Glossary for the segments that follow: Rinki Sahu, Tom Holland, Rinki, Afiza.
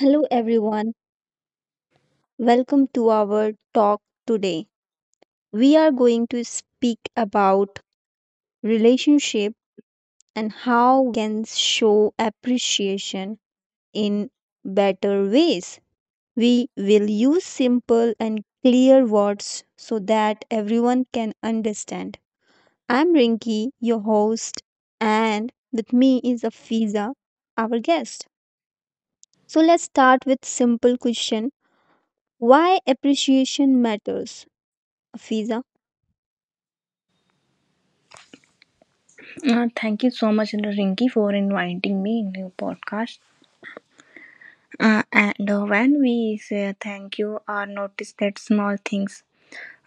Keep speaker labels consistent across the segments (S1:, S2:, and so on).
S1: Hello everyone, welcome to our talk today. We are going to speak about relationship and how we can show appreciation in better ways. We will use simple and clear words so that everyone can understand. I'm Rinki, your host, and with me is Afiza, our guest. So let's start with simple question. Why appreciation matters? Afiza?
S2: Thank you so much, Rinki, for inviting me in your podcast. And when we say thank you or notice that small things,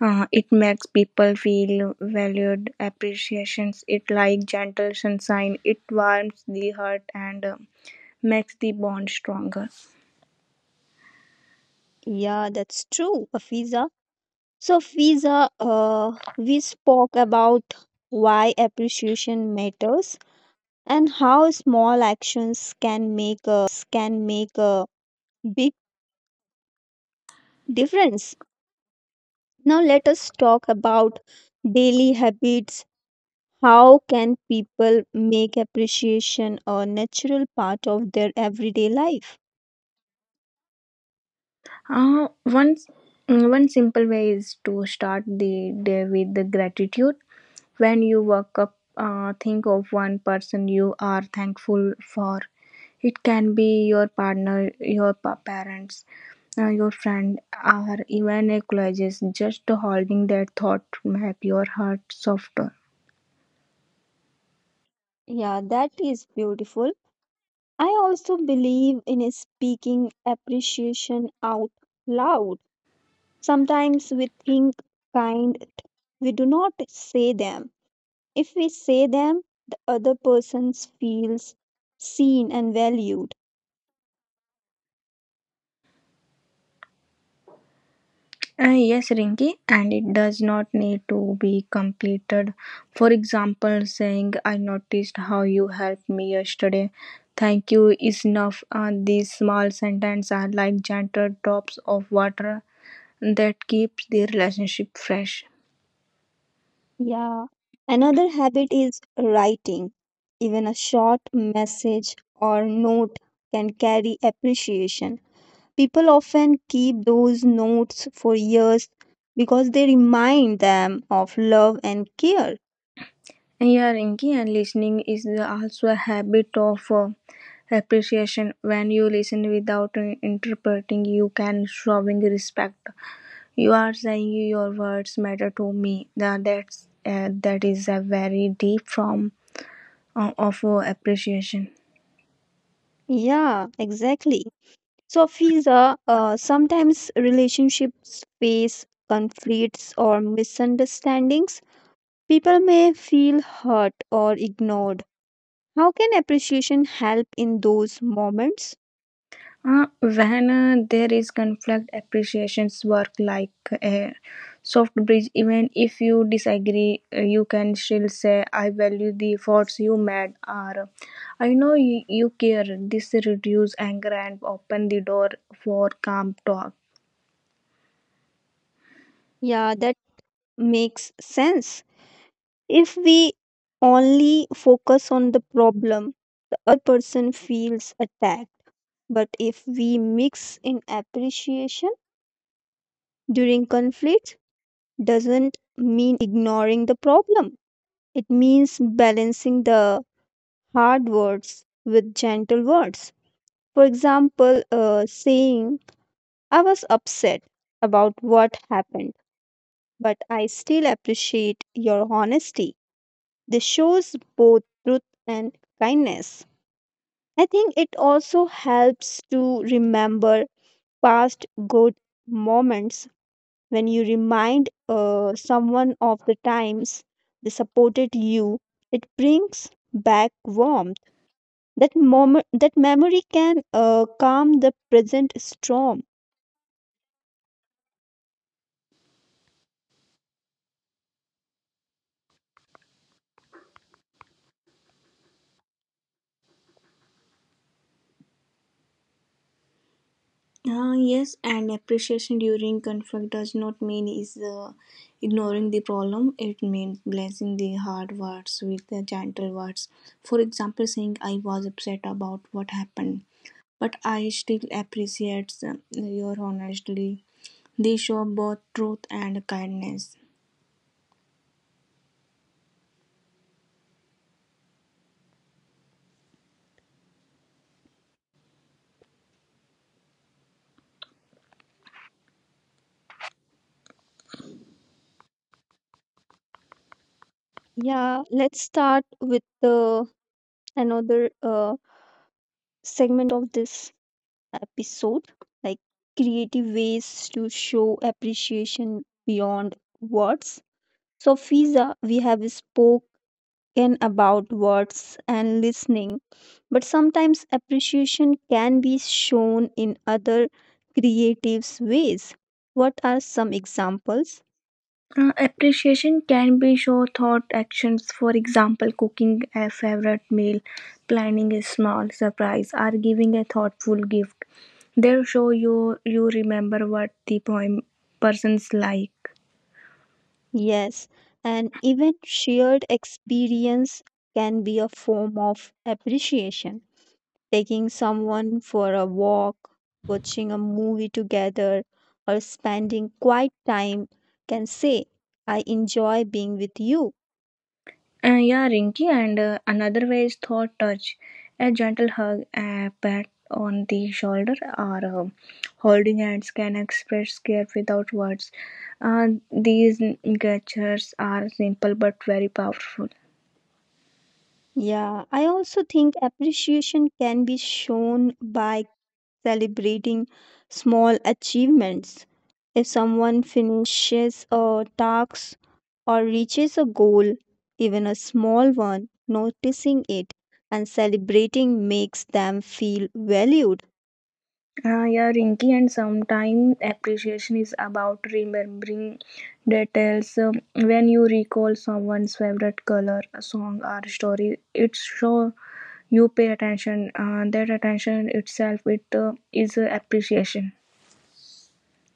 S2: it makes people feel valued. Appreciations, it like gentle sunshine. It warms the heart and makes the bond stronger.
S1: Yeah, that's true, Afiza. So, Fiza, we spoke about why appreciation matters and how small actions can make a big difference. Now, let us talk about daily habits. How can people make appreciation a natural part of their everyday life?
S2: Uh, one one simple way is to start the day with the gratitude. When you wake up, think of one person you are thankful for. It can be your partner, your parents, your friend, or even a colleague. Just holding that thought make your heart softer.
S1: Yeah, that is beautiful. I also believe in speaking appreciation out loud. Sometimes we think kind things, but we do not say them. If we say them, the other person feels seen and valued.
S2: Yes, Rinki, and it does not need to be completed. For example, saying, I noticed how you helped me yesterday. Thank you is enough. These small sentences are like gentle drops of water that keeps their relationship fresh.
S1: Yeah. Another habit is writing. Even a short message or note can carry appreciation. People often keep those notes for years because they remind them of love and care.
S2: Yeah, Rinky, and listening is also a habit of appreciation. When you listen without interpreting, you can showing respect. You are saying your words matter to me. Now that is a very deep form of appreciation.
S1: Yeah, exactly. So, Fiza, sometimes relationships face conflicts or misunderstandings. People may feel hurt or ignored. How can appreciation help in those moments?
S2: When there is conflict, appreciations work like a soft bridge. Even if you disagree, you can still say, I value the efforts you made, or I know you care. This reduces anger and open the door for calm talk.
S1: Yeah, that makes sense. If we only focus on the problem, the other person feels attacked. But if we mix in appreciation during conflict, doesn't mean ignoring the problem. It means balancing the hard words with gentle words. For example, saying, I was upset about what happened, but I still appreciate your honesty. This shows both truth and kindness. I think it also helps to remember past good moments when you remind someone of the times they supported you. It brings back warmth. That moment, that memory can calm the present storm.
S2: Yes, and appreciation during conflict does not mean is ignoring the problem. It means blessing the hard words with the gentle words. For example, saying I was upset about what happened, but I still appreciate your honesty. They show both truth and kindness.
S1: Yeah, let's start with another segment of this episode, like creative ways to show appreciation beyond words. So, Fiza, we have spoken about words and listening, but sometimes appreciation can be shown in other creative ways. What are some examples?
S2: Appreciation can be show thought actions, for example, cooking a favorite meal, planning a small surprise, or giving a thoughtful gift. They'll show you you remember what the poem persons like.
S1: Yes, and even shared experience can be a form of appreciation. Taking someone for a walk, watching a movie together, or spending quiet time can say, I enjoy being with you.
S2: Yeah, Rinky, and another way is thought touch, a gentle hug, a pat on the shoulder, or holding hands can express care without words. Uh, these gestures are simple but very powerful.
S1: Yeah, I also think appreciation can be shown by celebrating small achievements. If someone finishes a task or reaches a goal, even a small one, noticing it and celebrating makes them feel valued.
S2: Yeah, Rinky, and sometimes appreciation is about remembering details. When you recall someone's favorite color, song, or story, it show you pay attention. That attention itself, it is appreciation.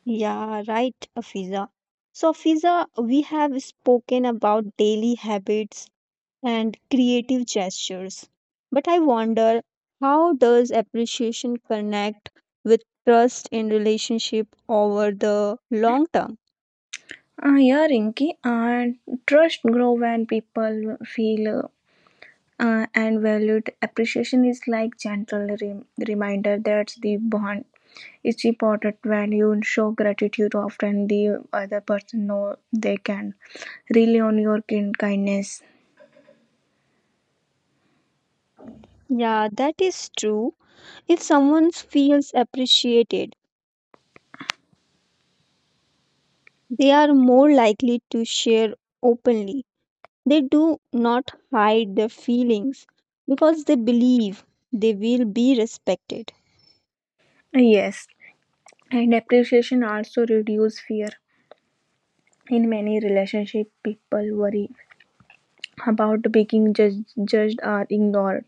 S1: Yeah, right, Afiza. So, Afiza, we have spoken about daily habits and creative gestures, but I wonder how does appreciation connect with trust in relationship over the long term?
S2: Yeah, Rinky, and trust grow when people feel and valued. Appreciation is like gentle reminder that the bond It's important when you show gratitude often the other person know they can rely on your kindness.
S1: Yeah, that is true. If someone feels appreciated, they are more likely to share openly. They do not hide their feelings because they believe they will be respected.
S2: Yes, and appreciation also reduce fear. In many relationships, people worry about being judged or ignored.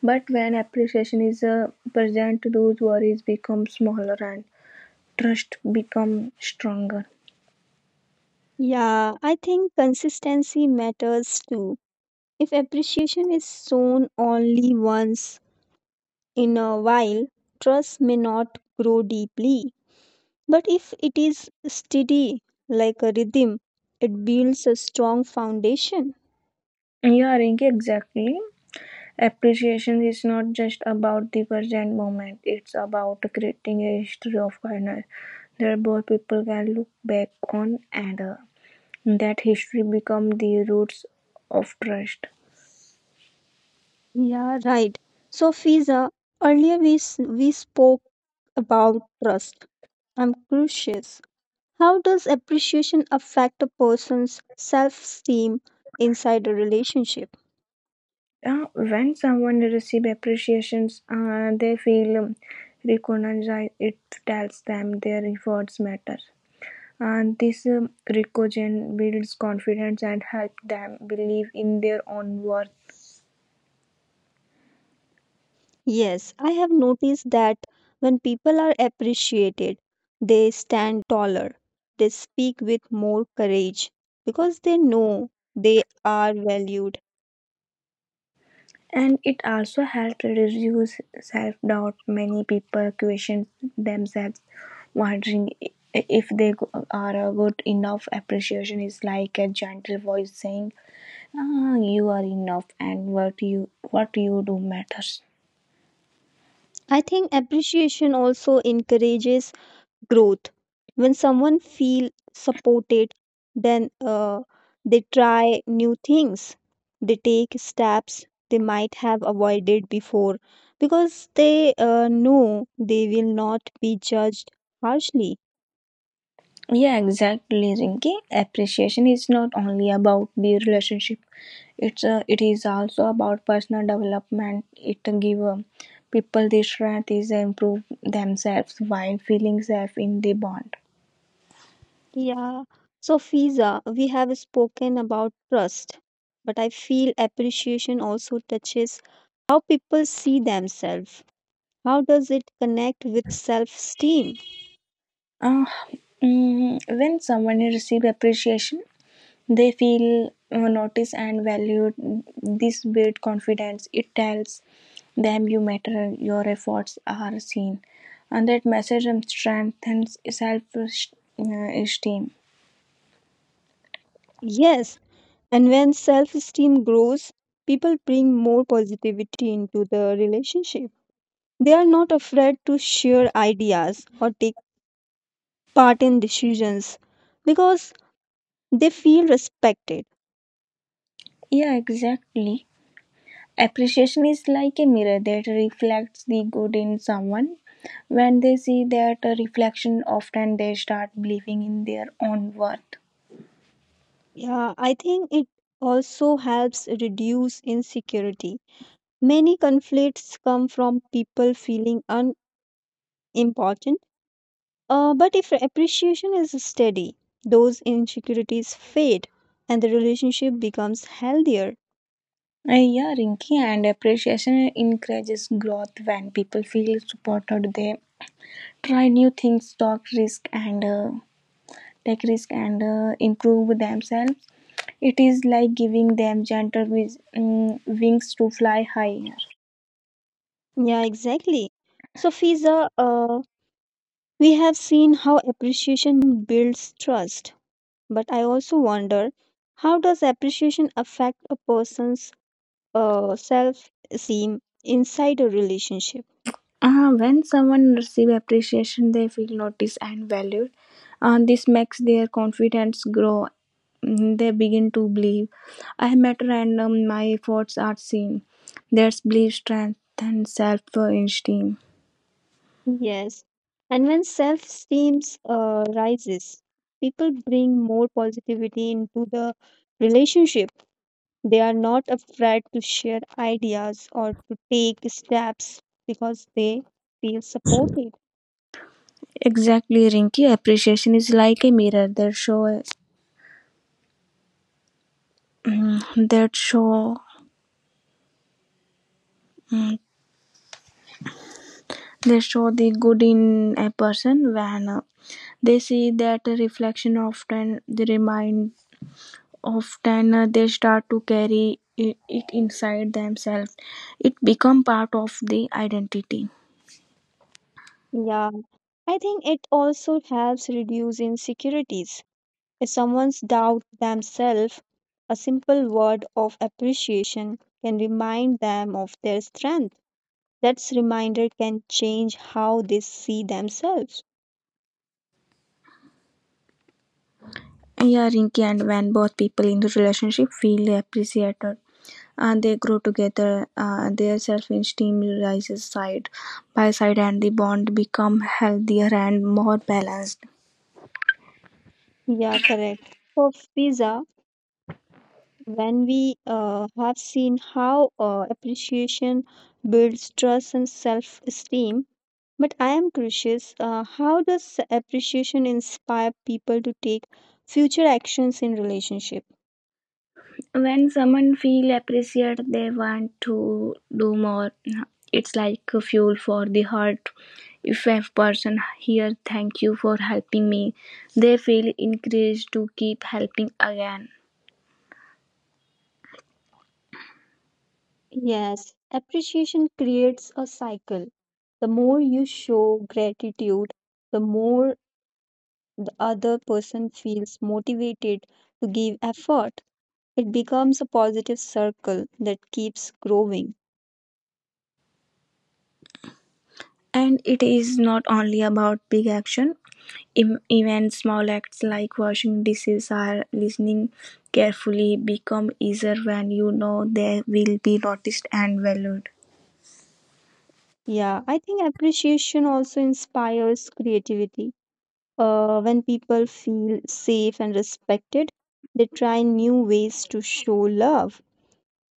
S2: But when appreciation is present, those worries become smaller and trust become stronger.
S1: Yeah, I think consistency matters too. If appreciation is shown only once in a while, trust may not grow deeply. But if it is steady, like a rhythm, it builds a strong foundation.
S2: Yeah, Rinki, exactly. Appreciation is not just about the present moment, it's about creating a history of kindness that both people can look back on and that history become the roots of trust.
S1: Yeah, right. So, Fiza, earlier we spoke about trust. I'm curious. How does appreciation affect a person's self esteem inside a relationship?
S2: When someone receives appreciations, they feel recognized. It tells them their efforts matter. And this recognition builds confidence and helps them believe in their own worth.
S1: Yes, I have noticed that when people are appreciated, they stand taller, they speak with more courage because they know they are valued.
S2: And it also helps reduce self doubt. Many people question themselves, wondering if they are good enough. Appreciation is like a gentle voice saying, ah, "You are enough, and what you do matters."
S1: I think appreciation also encourages growth when someone feel supported, then they try new things, they take steps they might have avoided before, because they know they will not be judged harshly.
S2: Yeah, exactly, Rinki. Appreciation is not only about the relationship; it is also about personal development. It give people the strength to improve themselves while feeling safe in the bond.
S1: Yeah. So, Fiza, we have spoken about trust, but I feel appreciation also touches how people see themselves. How does it connect with self esteem?
S2: Uh, when someone receives appreciation, they feel noticed and valued. This builds confidence. It tells them you matter, your efforts are seen. And that message strengthens self esteem.
S1: Yes. And when self esteem grows, people bring more positivity into the relationship. They are not afraid to share ideas or take part in decisions because they feel respected.
S2: Yeah, exactly. Appreciation is like a mirror that reflects the good in someone. When they see that reflection, often they start believing in their own worth.
S1: Yeah, I think it also helps reduce insecurity. Many conflicts come from people feeling unimportant, but if appreciation is steady, those insecurities fade and the relationship becomes healthier.
S2: Yeah, Rinky, and appreciation encourages growth when people feel supported. They try new things, talk risk, and take risk and improve themselves. It is like giving them gentle wings to fly high.
S1: Yeah, exactly. So, Fiza, we have seen how appreciation builds trust, but I also wonder how does appreciation affect a person's self-esteem inside a relationship?
S2: When someone receives appreciation, they feel noticed and valued. This makes their confidence grow. They begin to believe I matter and my efforts are seen. There's belief, strength, and self esteem.
S1: Yes, and when self-esteem rises, people bring more positivity into the relationship. They are not afraid to share ideas or to take steps because they feel supported.
S2: Exactly, Rinky. Appreciation is like a mirror They show mm, that show mm, they show the good in a person when they see that reflection often they start to carry it inside themselves. It become part of the identity.
S1: Yeah, I think it also helps reduce insecurities. If someone's doubt themselves, a simple word of appreciation can remind them of their strength. That reminder can change how they see themselves.
S2: Yeah, Rinky and when both people in the relationship feel appreciated and they grow together, their self-esteem rises side by side and the bond become healthier and more balanced.
S1: Yeah, correct. For pizza, when we have seen how appreciation builds trust and self esteem. But I am curious, how does appreciation inspire people to take future actions in relationship?
S2: When someone feel appreciated they want to do more. It's like fuel for the heart. If a person here thank you for helping me they feel encouraged to keep helping again,
S1: Yes, appreciation creates a cycle. The more you show gratitude, the more the other person feels motivated to give effort. It becomes a positive circle that keeps growing.
S2: and it is not only about big action. Even small acts like washing dishes or listening carefully become easier when you know they will be noticed and valued.
S1: Yeah, I think appreciation also inspires creativity. When people feel safe and respected, they try new ways to show love.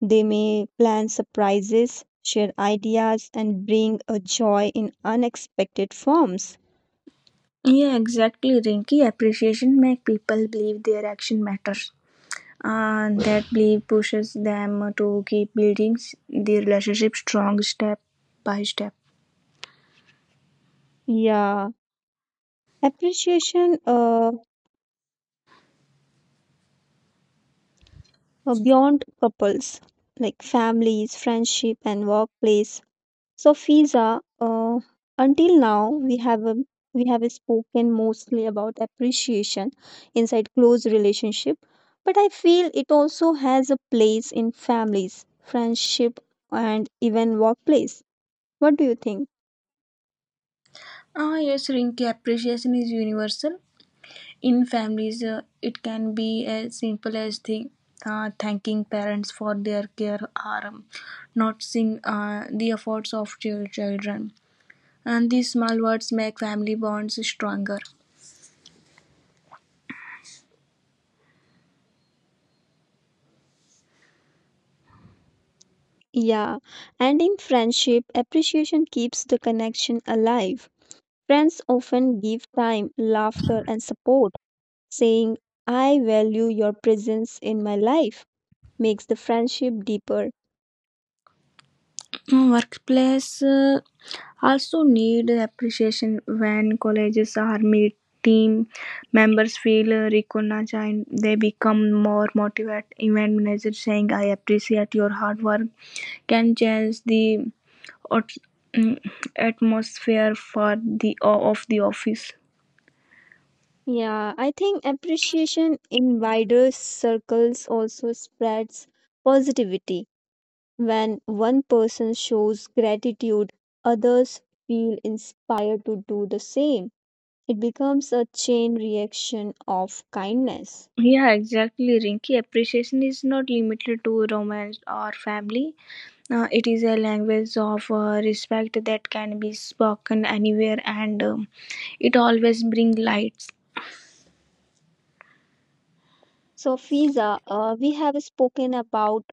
S1: They may plan surprises, share ideas, and bring a joy in unexpected forms.
S2: Yeah, exactly, Rinky. Appreciation makes people believe their action matters. And that belief pushes them to keep building the relationship strong step by step.
S1: Yeah, appreciation beyond couples, like families, friendship, and workplace. So, Fiza, until now we have spoken mostly about appreciation inside close relationship, but I feel it also has a place in families, friendship, and even workplace. What do you think?
S2: Ah, yes, Rinky. Appreciation is universal. In families, it can be as simple as thanking parents for their care or noticing the efforts of children. And these small words make family bonds stronger.
S1: Yeah, and in friendship, appreciation keeps the connection alive. Friends often give time, laughter, and support, saying, I value your presence in my life, makes the friendship deeper.
S2: Mm, workplace also need appreciation when colleges are meet. Team members feel recognized and they become more motivated. Event manager saying I appreciate your hard work can change the ot- mm, atmosphere for the of the office.
S1: Yeah, I think appreciation in wider circles also spreads positivity. When one person shows gratitude, others feel inspired to do the same. It becomes a chain reaction of kindness.
S2: Yeah exactly Rinky, appreciation is not limited to romance or family. It is a language of respect that can be spoken anywhere and it always brings lights.
S1: So, Fiza, we have spoken about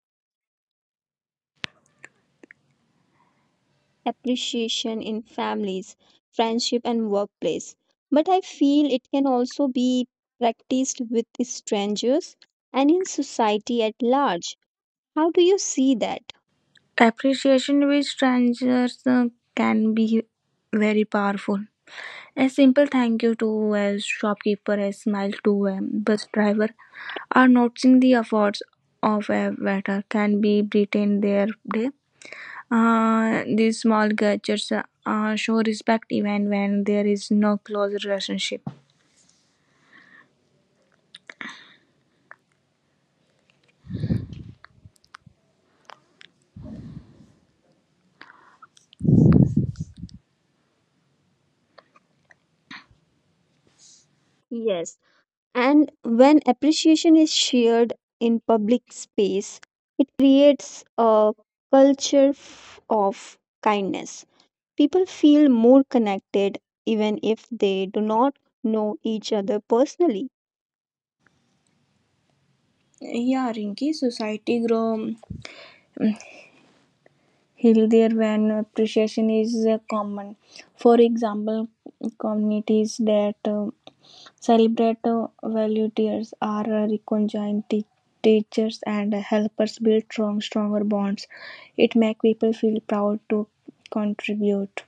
S1: appreciation in families, friendship, and workplace. But I feel it can also be practiced with strangers and in society at large. How do you see that?
S2: Appreciation with strangers can be very powerful. A simple thank you to a shopkeeper, a smile to a bus driver, or noticing the efforts of a waiter can be brighten their day. These small gestures show respect even when there is no close relationship.
S1: Yes, and when appreciation is shared in public space, it creates a culture of kindness. People feel more connected even if they do not know each other personally.
S2: Yeah, Rinki, society grow healthier when appreciation is common. For example, communities that celebrate volunteers are reconciled teachers and helpers build stronger bonds. It makes people feel proud to contribute.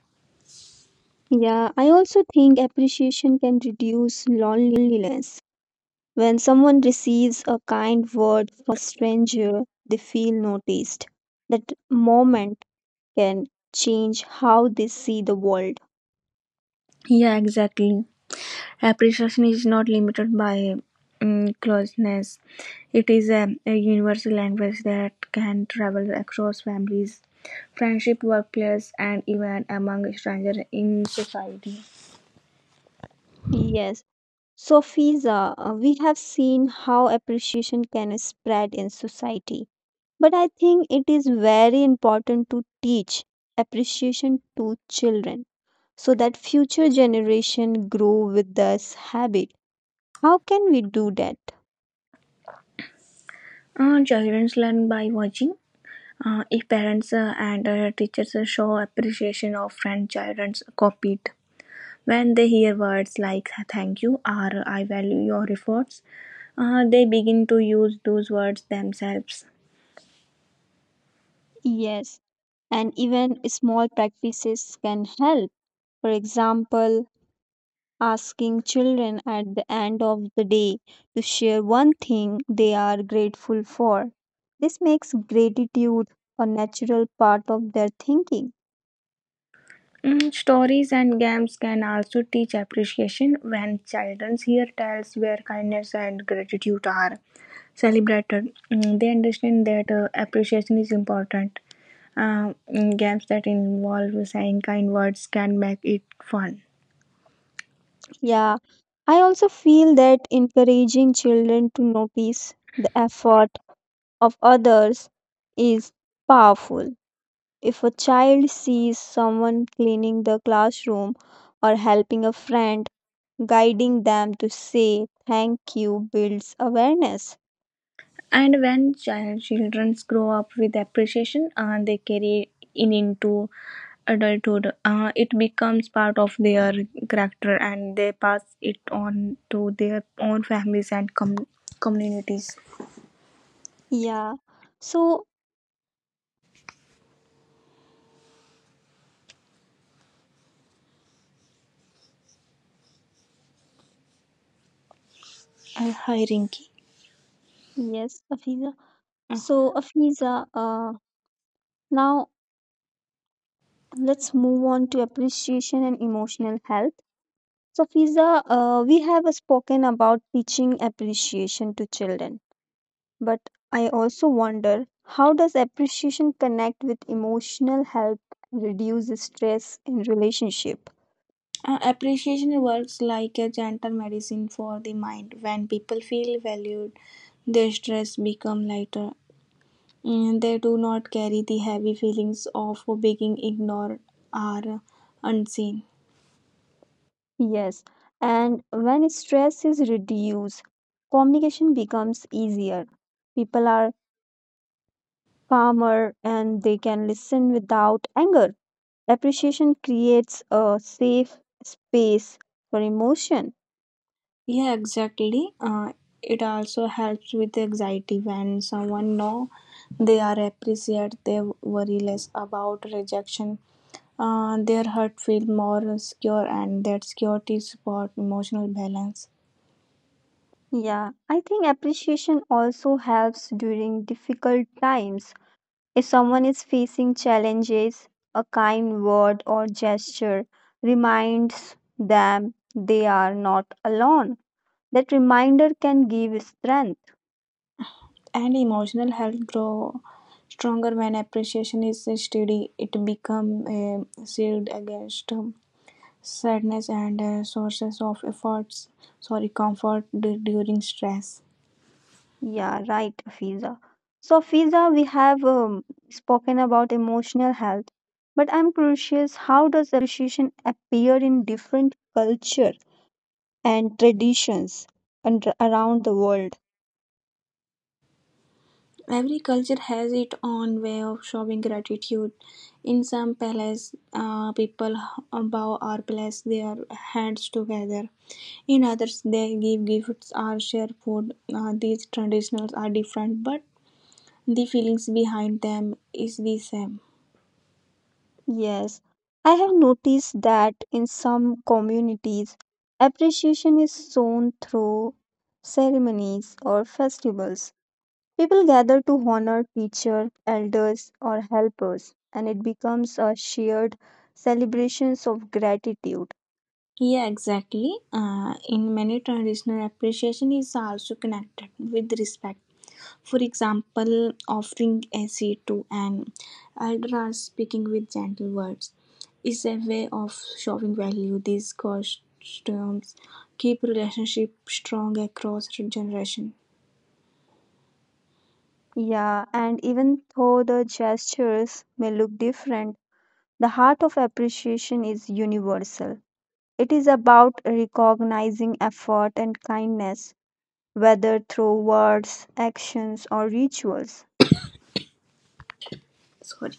S1: Yeah, I also think appreciation can reduce loneliness. When someone receives a kind word from a stranger, they feel noticed. That moment can change how they see the world.
S2: Yeah, exactly. Appreciation is not limited by closeness. It is a universal language that can travel across families, friendship, workplace, and even among strangers in society.
S1: Yes. So, Fiza, we have seen how appreciation can spread in society. But I think it is very important to teach appreciation to children so that future generation grow with this habit. How can we do that?
S2: Children learn by watching. If parents and teachers show appreciation of friend, children copy it. When they hear words like thank you or I value your efforts, they begin to use those words themselves.
S1: Yes, and even small practices can help. For example, asking children at the end of the day to share one thing they are grateful for. This makes gratitude a natural part of their thinking.
S2: Mm, stories and games can also teach appreciation when children hear tales where kindness and gratitude are celebrated. They understand that appreciation is important. Games that involve saying kind words can make it fun.
S1: Yeah, I also feel that encouraging children to notice the effort of others is powerful. If a child sees someone cleaning the classroom or helping a friend, guiding them to say thank you builds awareness.
S2: And when children grow up with appreciation, they carry in into adulthood. It becomes part of their character, and they pass it on to their own families and communities.
S1: Yeah. So,
S2: Hi, Rinky.
S1: yes, Afiza.
S2: Uh,
S1: So, Afiza, now let's move on to appreciation and emotional health. So, Afiza, we have spoken about teaching appreciation to children. But I also wonder how does appreciation connect with emotional health, reduce stress in relationship?
S2: appreciation works like a gentle medicine for the mind. When people feel valued, their stress become lighter. They do not carry the heavy feelings of being ignored or unseen.
S1: Yes, and when stress is reduced, communication becomes easier. People are calmer and they can listen without anger. Appreciation creates a safe space for emotion.
S2: Yeah, exactly. It also helps with anxiety when someone know they are appreciated, they worry less about rejection. Their heart feel more secure, and that security support emotional balance.
S1: Yeah, I think appreciation also helps during difficult times. If someone is facing challenges, a kind word or gesture reminds them they are not alone. That reminder can give strength.
S2: And emotional health grow stronger when appreciation is steady. It become a shield against sadness and sources of efforts. Sorry, comfort during stress.
S1: Yeah, right, Fiza. So, Fiza, we have spoken about emotional health, but I'm curious how does appreciation appear in different culture and traditions and around the world?
S2: Every culture has its own way of showing gratitude. In some palaces, people bow or place their hands together. In others, they give gifts or share food. These traditions are different, but the feelings behind them is the same.
S1: Yes, I have noticed that in some communities, appreciation is shown through ceremonies or festivals. People gather to honor teachers, elders, or helpers, and it becomes a shared celebrations of gratitude.
S2: Yeah, exactly. In many traditional appreciation is also connected with respect. For example, offering a seat to an elder or speaking with gentle words is a way of showing value. These costumes keep relationship strong across generation.
S1: Yeah, and even though the gestures may look different, the heart of appreciation is universal. It is about recognizing effort and kindness whether through words, actions, or rituals.
S2: Sorry.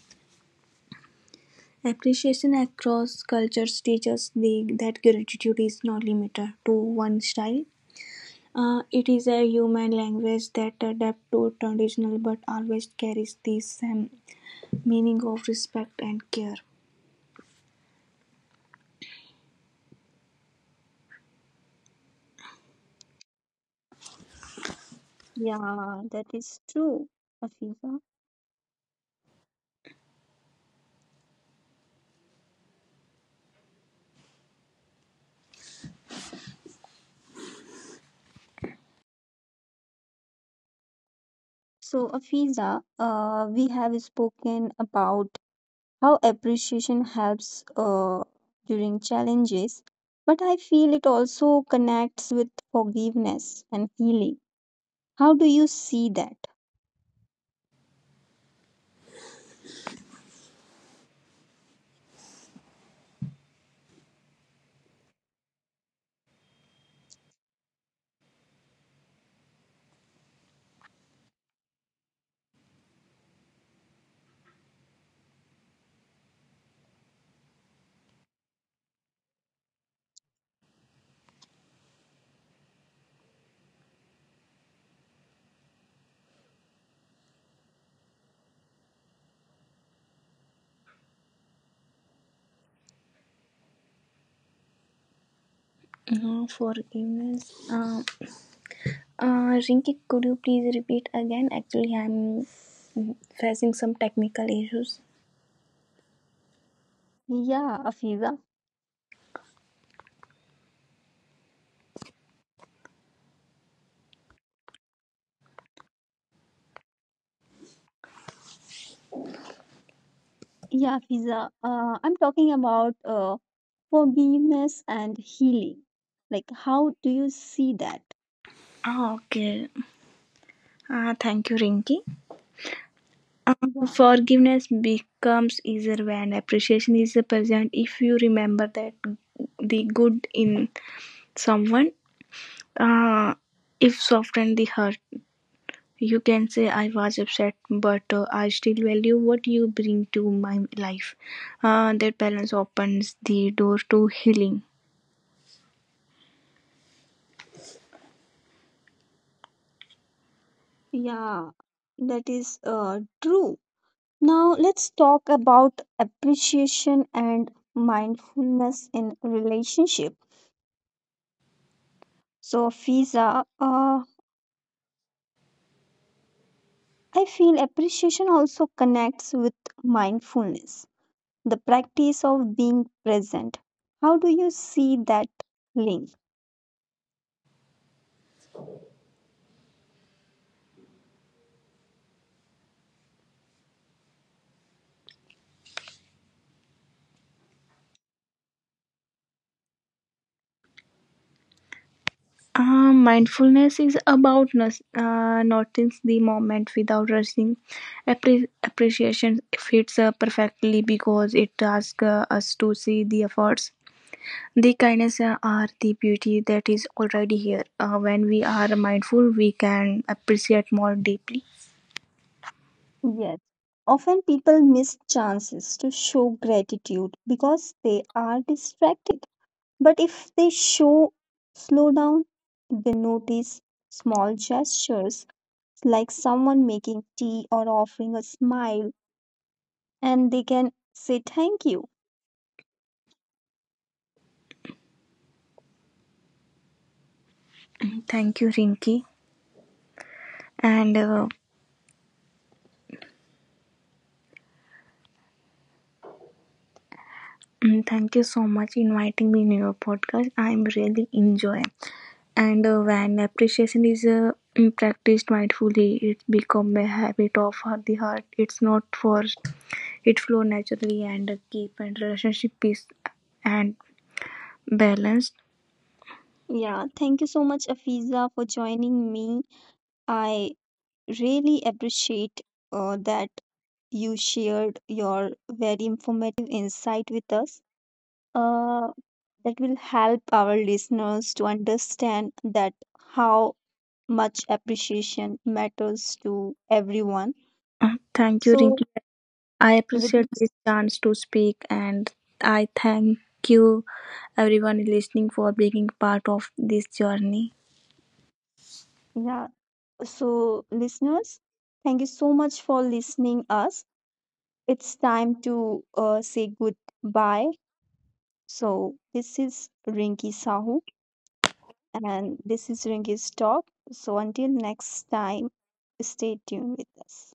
S2: Appreciation across cultures teaches the, that gratitude is not limited to one style. It is a human language that adapts to traditional, but always carries the same meaning of respect and care.
S1: Yeah, that is true, Afiza. So, Afiza, we have spoken about how appreciation helps during challenges, but I feel it also connects with forgiveness and healing. How do you see that?
S2: Forgiveness. Rinki, could you please repeat again? Actually, I'm facing some technical issues.
S1: Yeah, Afiza. Yeah, Afiza. I'm talking about forgiveness and healing. Like, how do you see that?
S2: Ah, okay. Thank you, Rinki.
S1: Yeah,
S2: Forgiveness becomes easier when appreciation is present. If you remember that the good in someone, uh, if soften the hurt. You can say I was upset, but I still value what you bring to my life. That balance opens the door to healing.
S1: yeah, that is true. Now let's talk about appreciation and mindfulness in relationship. So, Fiza, I feel appreciation also connects with mindfulness, the practice of being present. How do you see that link?
S2: Mindfulness is about noticing the moment without rushing. Appreciation fits perfectly because it asks us to see the efforts. The kindness are the beauty that is already here. When we are mindful, we can appreciate more deeply.
S1: Yes. Often people miss chances to show gratitude because they are distracted. But if they show slow down, they notice small gestures like someone making tea or offering a smile, and they can say thank you.
S2: Thank you, Rinki. And thank you so much inviting me in your podcast. I'm really enjoy. And when appreciation is practiced mindfully, it become a habit of the heart. It's not forced. It flow naturally and keep and relationship peace and balanced.
S1: Yeah, thank you so much, Afiza, for joining me. I really appreciate that you shared your very informative insight with us. Uh, that will help our listeners to understand that how much appreciation matters to everyone.
S2: Thank you,
S1: So,
S2: Rinki. I
S1: with
S2: appreciate this
S1: this-
S2: chance to speak, and I thank you everyone listening for being part of this journey.
S1: yeah, so listeners, thank you so much for listening us. It's time to say goodbye. So, this is Rinki Sahu, and this is Rinki's talk. So, until next time, stay tuned with us.